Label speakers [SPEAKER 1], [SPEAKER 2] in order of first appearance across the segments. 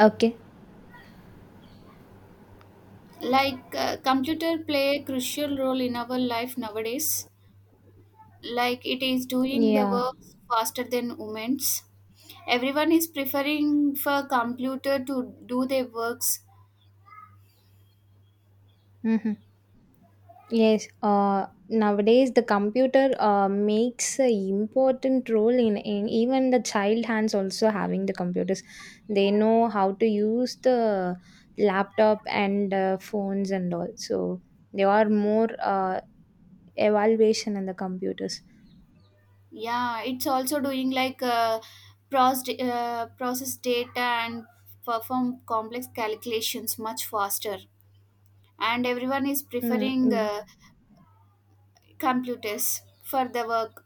[SPEAKER 1] Okay.
[SPEAKER 2] Like computer play a crucial role in our life nowadays. Like it is doing the
[SPEAKER 1] Yeah.
[SPEAKER 2] work faster than humans. Everyone is preferring for computer to do their works.
[SPEAKER 1] Mm-hmm. Yes. Nowadays, the computer makes an important role in even the child hands also having the computers. They know how to use the laptop and phones and all. So they are more evaluation in the computers.
[SPEAKER 2] Yeah, it's also doing like process data and perform complex calculations much faster, and everyone is preferring
[SPEAKER 1] Mm,
[SPEAKER 2] computers for the work.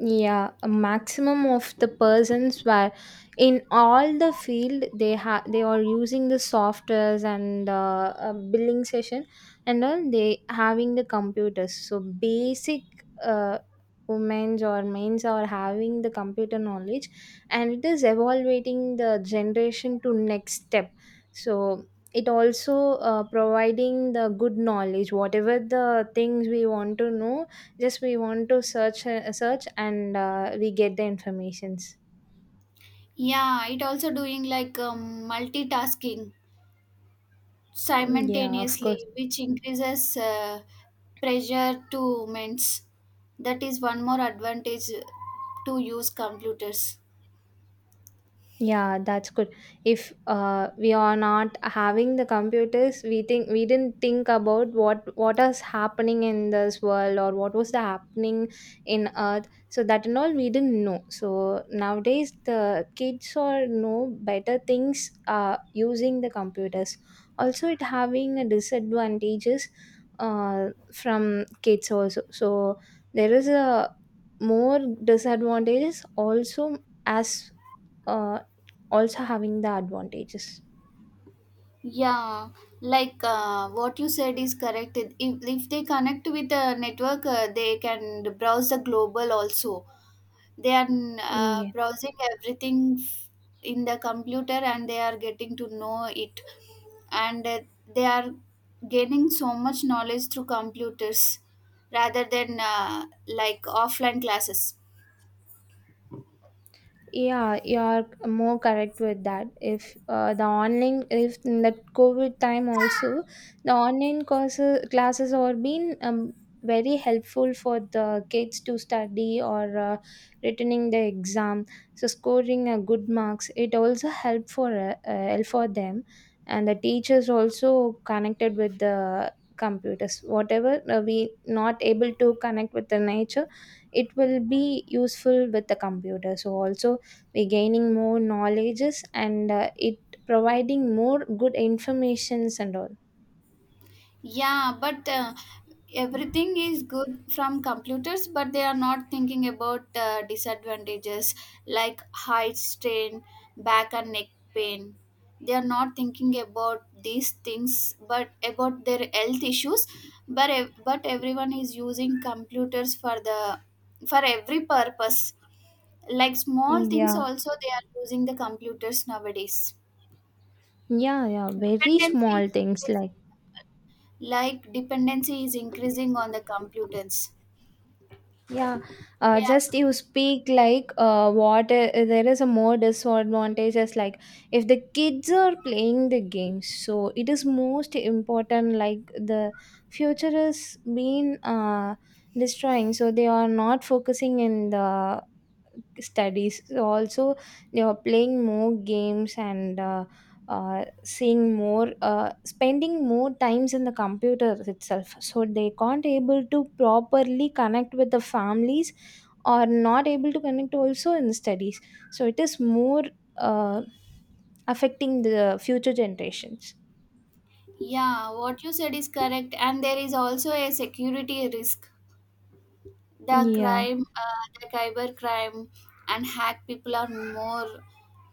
[SPEAKER 1] yeah, a maximum of the persons were in all the field they are using the softwares and billing session and all they having the computers so basic uh, women's or men's are having the computer knowledge, and it is evaluating the generation to next step, so it also providing the good knowledge whatever the things we want to know. Just we want to search, and we get the informations.
[SPEAKER 2] Yeah, it also doing like multitasking
[SPEAKER 1] Yeah, of course.
[SPEAKER 2] simultaneously, which increases pressure to mints. That is one more advantage to use computers.
[SPEAKER 1] Yeah, that's good. If we are not having the computers, we think we didn't think about what is happening in this world, or what was the happening in Earth. So that and all we didn't know. So nowadays the kids are know better things using the computers. Also, it having a disadvantages from kids also. So there is a more disadvantages also as uh, also having the advantages.
[SPEAKER 2] Yeah, like what you said is correct. If they connect with the network, they can browse the global also. They are
[SPEAKER 1] Mm, yeah.
[SPEAKER 2] browsing everything in the computer, and they are getting to know it, and they are gaining so much knowledge through computers, rather than like offline classes.
[SPEAKER 1] Yeah, you're more correct with that. If the online, if in the COVID time also, the online courses classes are been very helpful for the kids to study or returning the exam. So scoring a good marks, it also help for help for them, and the teachers also connected with the computers. Whatever we not able to connect with the nature, it will be useful with the computer. So also we're gaining more knowledges, and it providing more good informations and all.
[SPEAKER 2] Yeah, but everything is good from computers, but they are not thinking about disadvantages like height strain, back and neck pain. They are not thinking about these things, but about their health issues. But everyone is using computers for the for every purpose. Like small things,
[SPEAKER 1] Yeah.
[SPEAKER 2] also they are using the computers nowadays.
[SPEAKER 1] Yeah, yeah, very small
[SPEAKER 2] Dependency is
[SPEAKER 1] things
[SPEAKER 2] increasing,
[SPEAKER 1] like
[SPEAKER 2] like dependency is increasing on the computers.
[SPEAKER 1] yeah
[SPEAKER 2] Yeah.
[SPEAKER 1] just you speak like what there is a more disadvantages like if the kids are playing the games, so it is most important like the future is being destroying, so they are not focusing in the studies also, you know, playing more games, and seeing more spending more times in the computer itself, so they can't able to properly connect with the families or not able to connect also in studies. So it is more uh, affecting the future generations.
[SPEAKER 2] Yeah, what you said is correct, and there is also a security risk. The
[SPEAKER 1] Yeah.
[SPEAKER 2] crime, the cyber crime, and hack people are more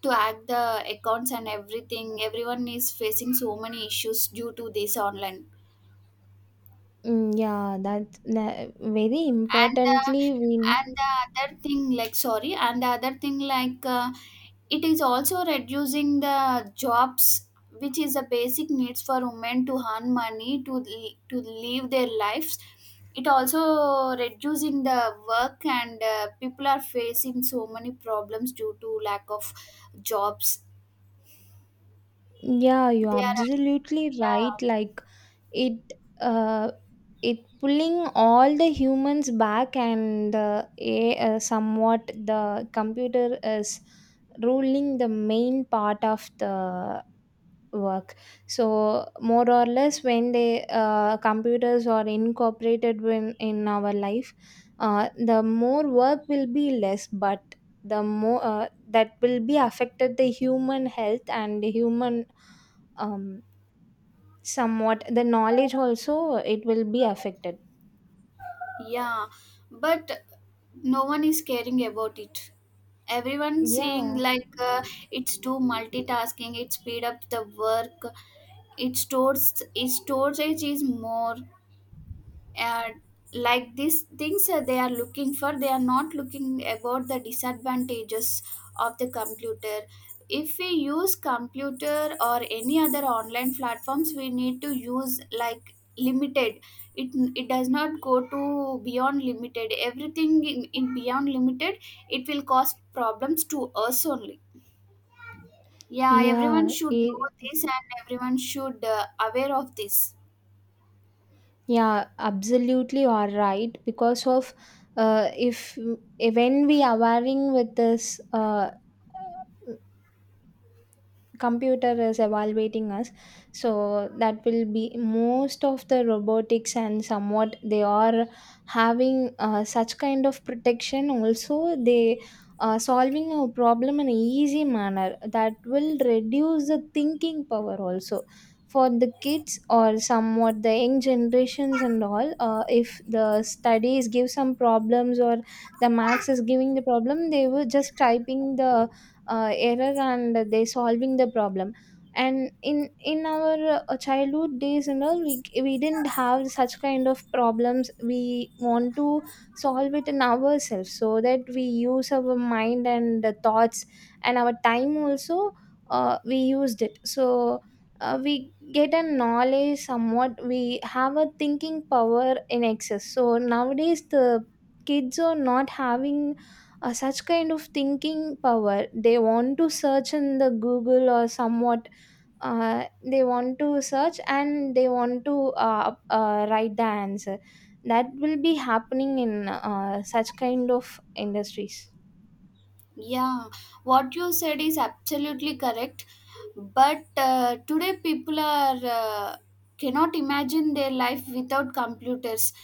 [SPEAKER 2] to hack the accounts and everything. Everyone is facing so many issues due to this online.
[SPEAKER 1] Yeah, that very
[SPEAKER 2] And
[SPEAKER 1] importantly we know.
[SPEAKER 2] and the other thing like sorry and the other thing like it is also reducing the jobs, which is the basic needs for women to earn money to to live their lives. It also reducing the work, and people are facing so many problems due to lack of jobs.
[SPEAKER 1] Yeah,
[SPEAKER 2] They
[SPEAKER 1] you're
[SPEAKER 2] are,
[SPEAKER 1] absolutely
[SPEAKER 2] yeah
[SPEAKER 1] right like it uh, it pulling all the humans back, and somewhat the computer is ruling the main part of the work. So more or less when they computers are incorporated when in our life, the more work will be less, but the more that will be affected the human health and the human um, somewhat. The knowledge also, it will be affected.
[SPEAKER 2] yeah, but no one is caring about it. Everyone saying
[SPEAKER 1] Yeah.
[SPEAKER 2] like it's do multitasking, it speed up the work, it storage is more, and like these things that they are looking for, they are not looking about the disadvantages of the computer. If we use computer or any other online platforms, we need to use like limited. It it does not go to beyond limited. Everything in beyond limited, it will cause problems to us only. Yeah, everyone
[SPEAKER 1] Yeah,
[SPEAKER 2] should know
[SPEAKER 1] i-
[SPEAKER 2] this, and everyone should aware of this.
[SPEAKER 1] yeah, absolutely, you are right. Because of uh, if, if when we are aware with this computer is evaluating us, so that will be most of the robotics, and somewhat they are having such kind of protection also. They solving a problem in an easy manner that will reduce the thinking power also for the kids or somewhat the young generations and all. If the studies give some problems, or the max is giving the problem, they were just typing the error and they solving the problem. And in our childhood days, you know, we didn't have such kind of problems. We want to solve it in ourselves, so that we use our mind and the thoughts and our time also. We used it, so we get a knowledge somewhat we have a thinking power in excess. So nowadays the kids are not having such kind of thinking power. They want to search in the Google or somewhat uh, they want to search and they want to write the answer, that will be happening in such kind of industries.
[SPEAKER 2] Yeah, what you said is absolutely correct. But today people are cannot imagine their life without computers,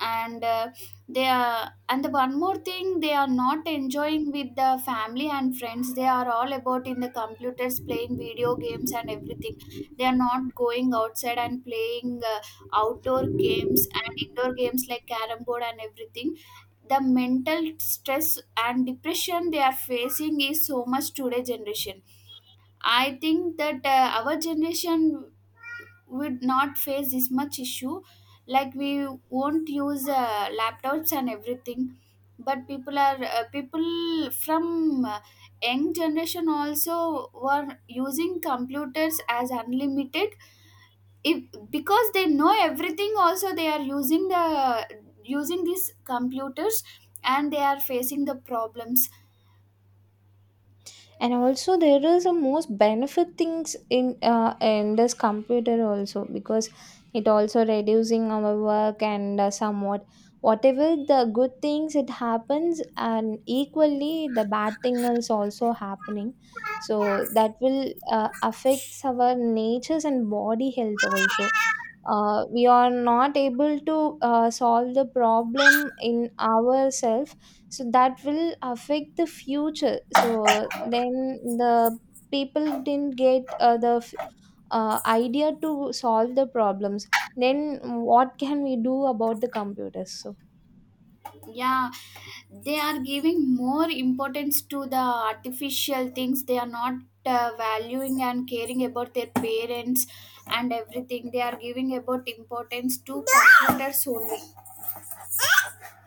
[SPEAKER 2] and they are. And the one more thing, they are not enjoying with the family and friends. They are all about in the computers, playing video games and everything. They are not going outside and playing outdoor games and indoor games like carrom board and everything. The mental stress and depression they are facing is so much today generation. I think that our generation would not face this much issue, like we won't use laptops and everything. But people are people from young generation also were using computers as unlimited. If, because they know everything, also they are using the using these computers, and they are facing the problems.
[SPEAKER 1] And also there is a most benefit things in this computer also, because it also reducing our work, and somewhat whatever the good things it happens and equally the bad thing is also happening. So that will affects our natures and body health also. We are not able to solve the problem in ourselves, so that will affect the future. So then the people didn't get idea to solve the problems. Then what can we do about the computers so.
[SPEAKER 2] Yeah, they are giving more importance to the artificial things. They are not valuing and caring about their parents and everything. They are giving about importance to computers only.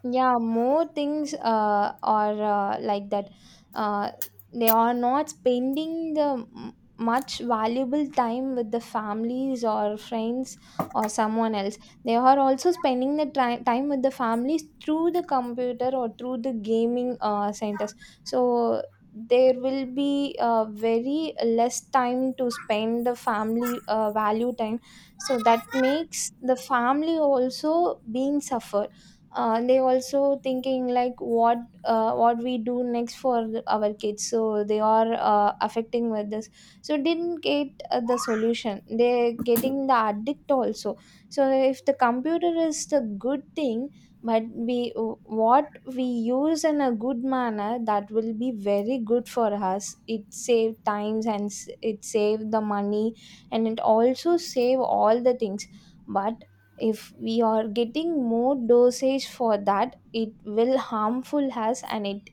[SPEAKER 1] Yeah, more things are like that. Uh, they are not spending the much valuable time with the families or friends or someone else. They are also spending the time with the families through the computer or through the gaming centers. So there will be very less time to spend the family value time. So that makes the family also being suffered. They also thinking like what we do next for the- our kids, so they are affecting with this, so didn't get the solution they getting the addict also. So if the computer is the good thing, but we what we use in a good manner that will be very good for us. It save times, and it save the money, and it also save all the things. But if we are getting more dosage for that, it will harmful us, and it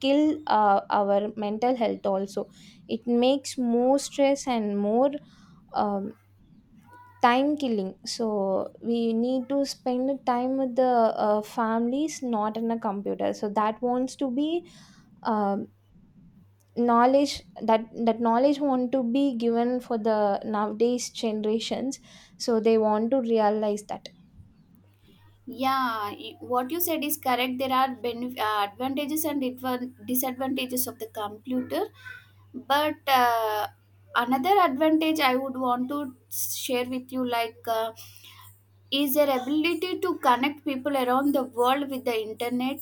[SPEAKER 1] kill our mental health also. It makes more stress and more um, time killing. So we need to spend time with the families, not in a computer. So that wants to be um, knowledge. That knowledge want to be given for the nowadays generations, so they want to realize that.
[SPEAKER 2] Yeah, what you said is correct. There are advantages and disadvantages of the computer. But another advantage I would want to share with you, like is their ability to connect people around the world with the internet.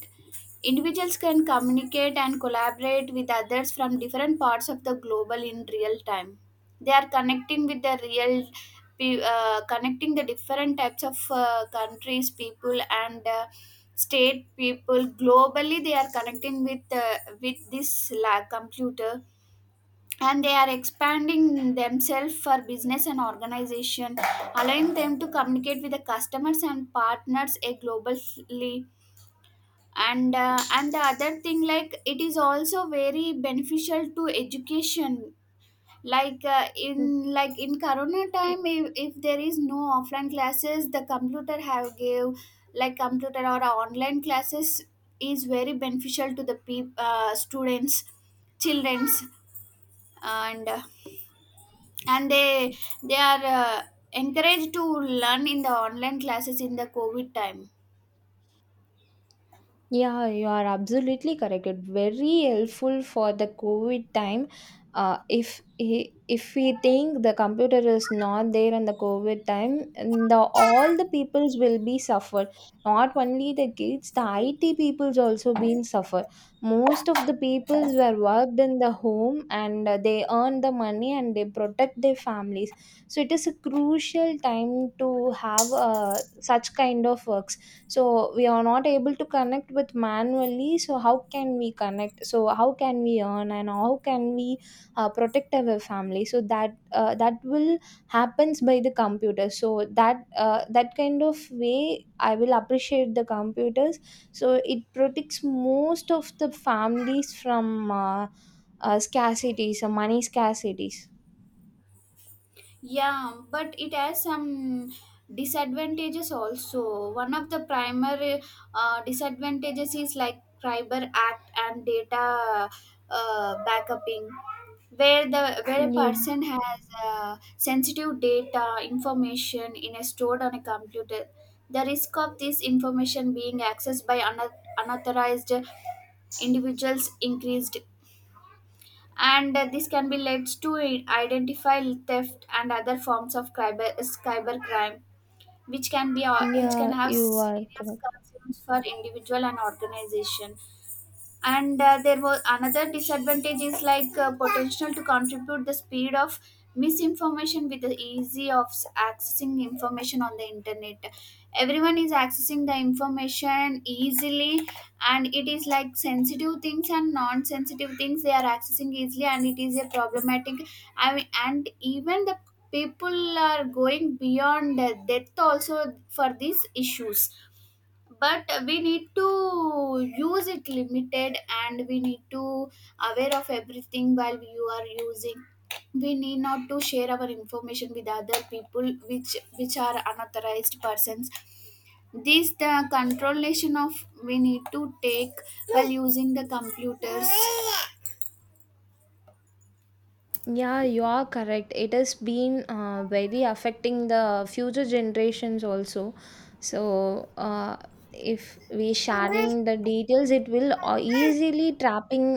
[SPEAKER 2] Individuals can communicate and collaborate with others from different parts of the global in real time. They are connecting with the real, connecting the different types of countries, people, and state people globally. They are connecting with computer, and they are expanding themselves for business and organization, allowing them to communicate with the customers and partners a globally. And the other thing, like it is also very beneficial to education, like in corona time. If there is no offline classes, the computer have gave like computer or online classes is very beneficial to the peop students, childrens. And and they they are encouraged to learn in the online classes in the covid time.
[SPEAKER 1] Yeah, you are absolutely correct. It very helpful for the COVID time. If we think the computer is not there in the COVID time, and the all the peoples will be suffered. Not only the kids, the IT peoples also been suffer. Most of the peoples were worked in the home, and they earn the money and they protect their families. So it is a crucial time to have such kind of work, so we are not able to connect with manually. So how can we connect? So how can we earn, and how can we protect our family? So that that will happens by the computer. So that that kind of way I will appreciate the computers. So it protects most of the families from scarcities, money scarcities.
[SPEAKER 2] Yeah, but it has some disadvantages also. One of the primary disadvantages is like cyber act and data backupping, where the where a
[SPEAKER 1] Yeah,
[SPEAKER 2] person has sensitive data information in a stored on a computer. The risk of this information being accessed by unauthorized individuals increased, and this can be led to identify theft and other forms of cyber crime, which can be which can
[SPEAKER 1] yeah,
[SPEAKER 2] have
[SPEAKER 1] you are
[SPEAKER 2] serious
[SPEAKER 1] correct.
[SPEAKER 2] concerns for individual and organization. And there was another disadvantage is like potential to contribute the speed of misinformation with the easy of accessing information on the internet. Everyone is accessing the information easily, and it is like sensitive things and non-sensitive things. They are accessing easily, and it is a problematic. I mean, and even the people are going beyond death also for these issues. But we need to use it limited, and we need to aware of everything while you are using. We need not to share our information with other people, which are unauthorized persons. This the controlation of we need to take while using the computers.
[SPEAKER 1] Yeah, you are correct. It has been very affecting the future generations also. So, if we sharing the details, it will easily trapping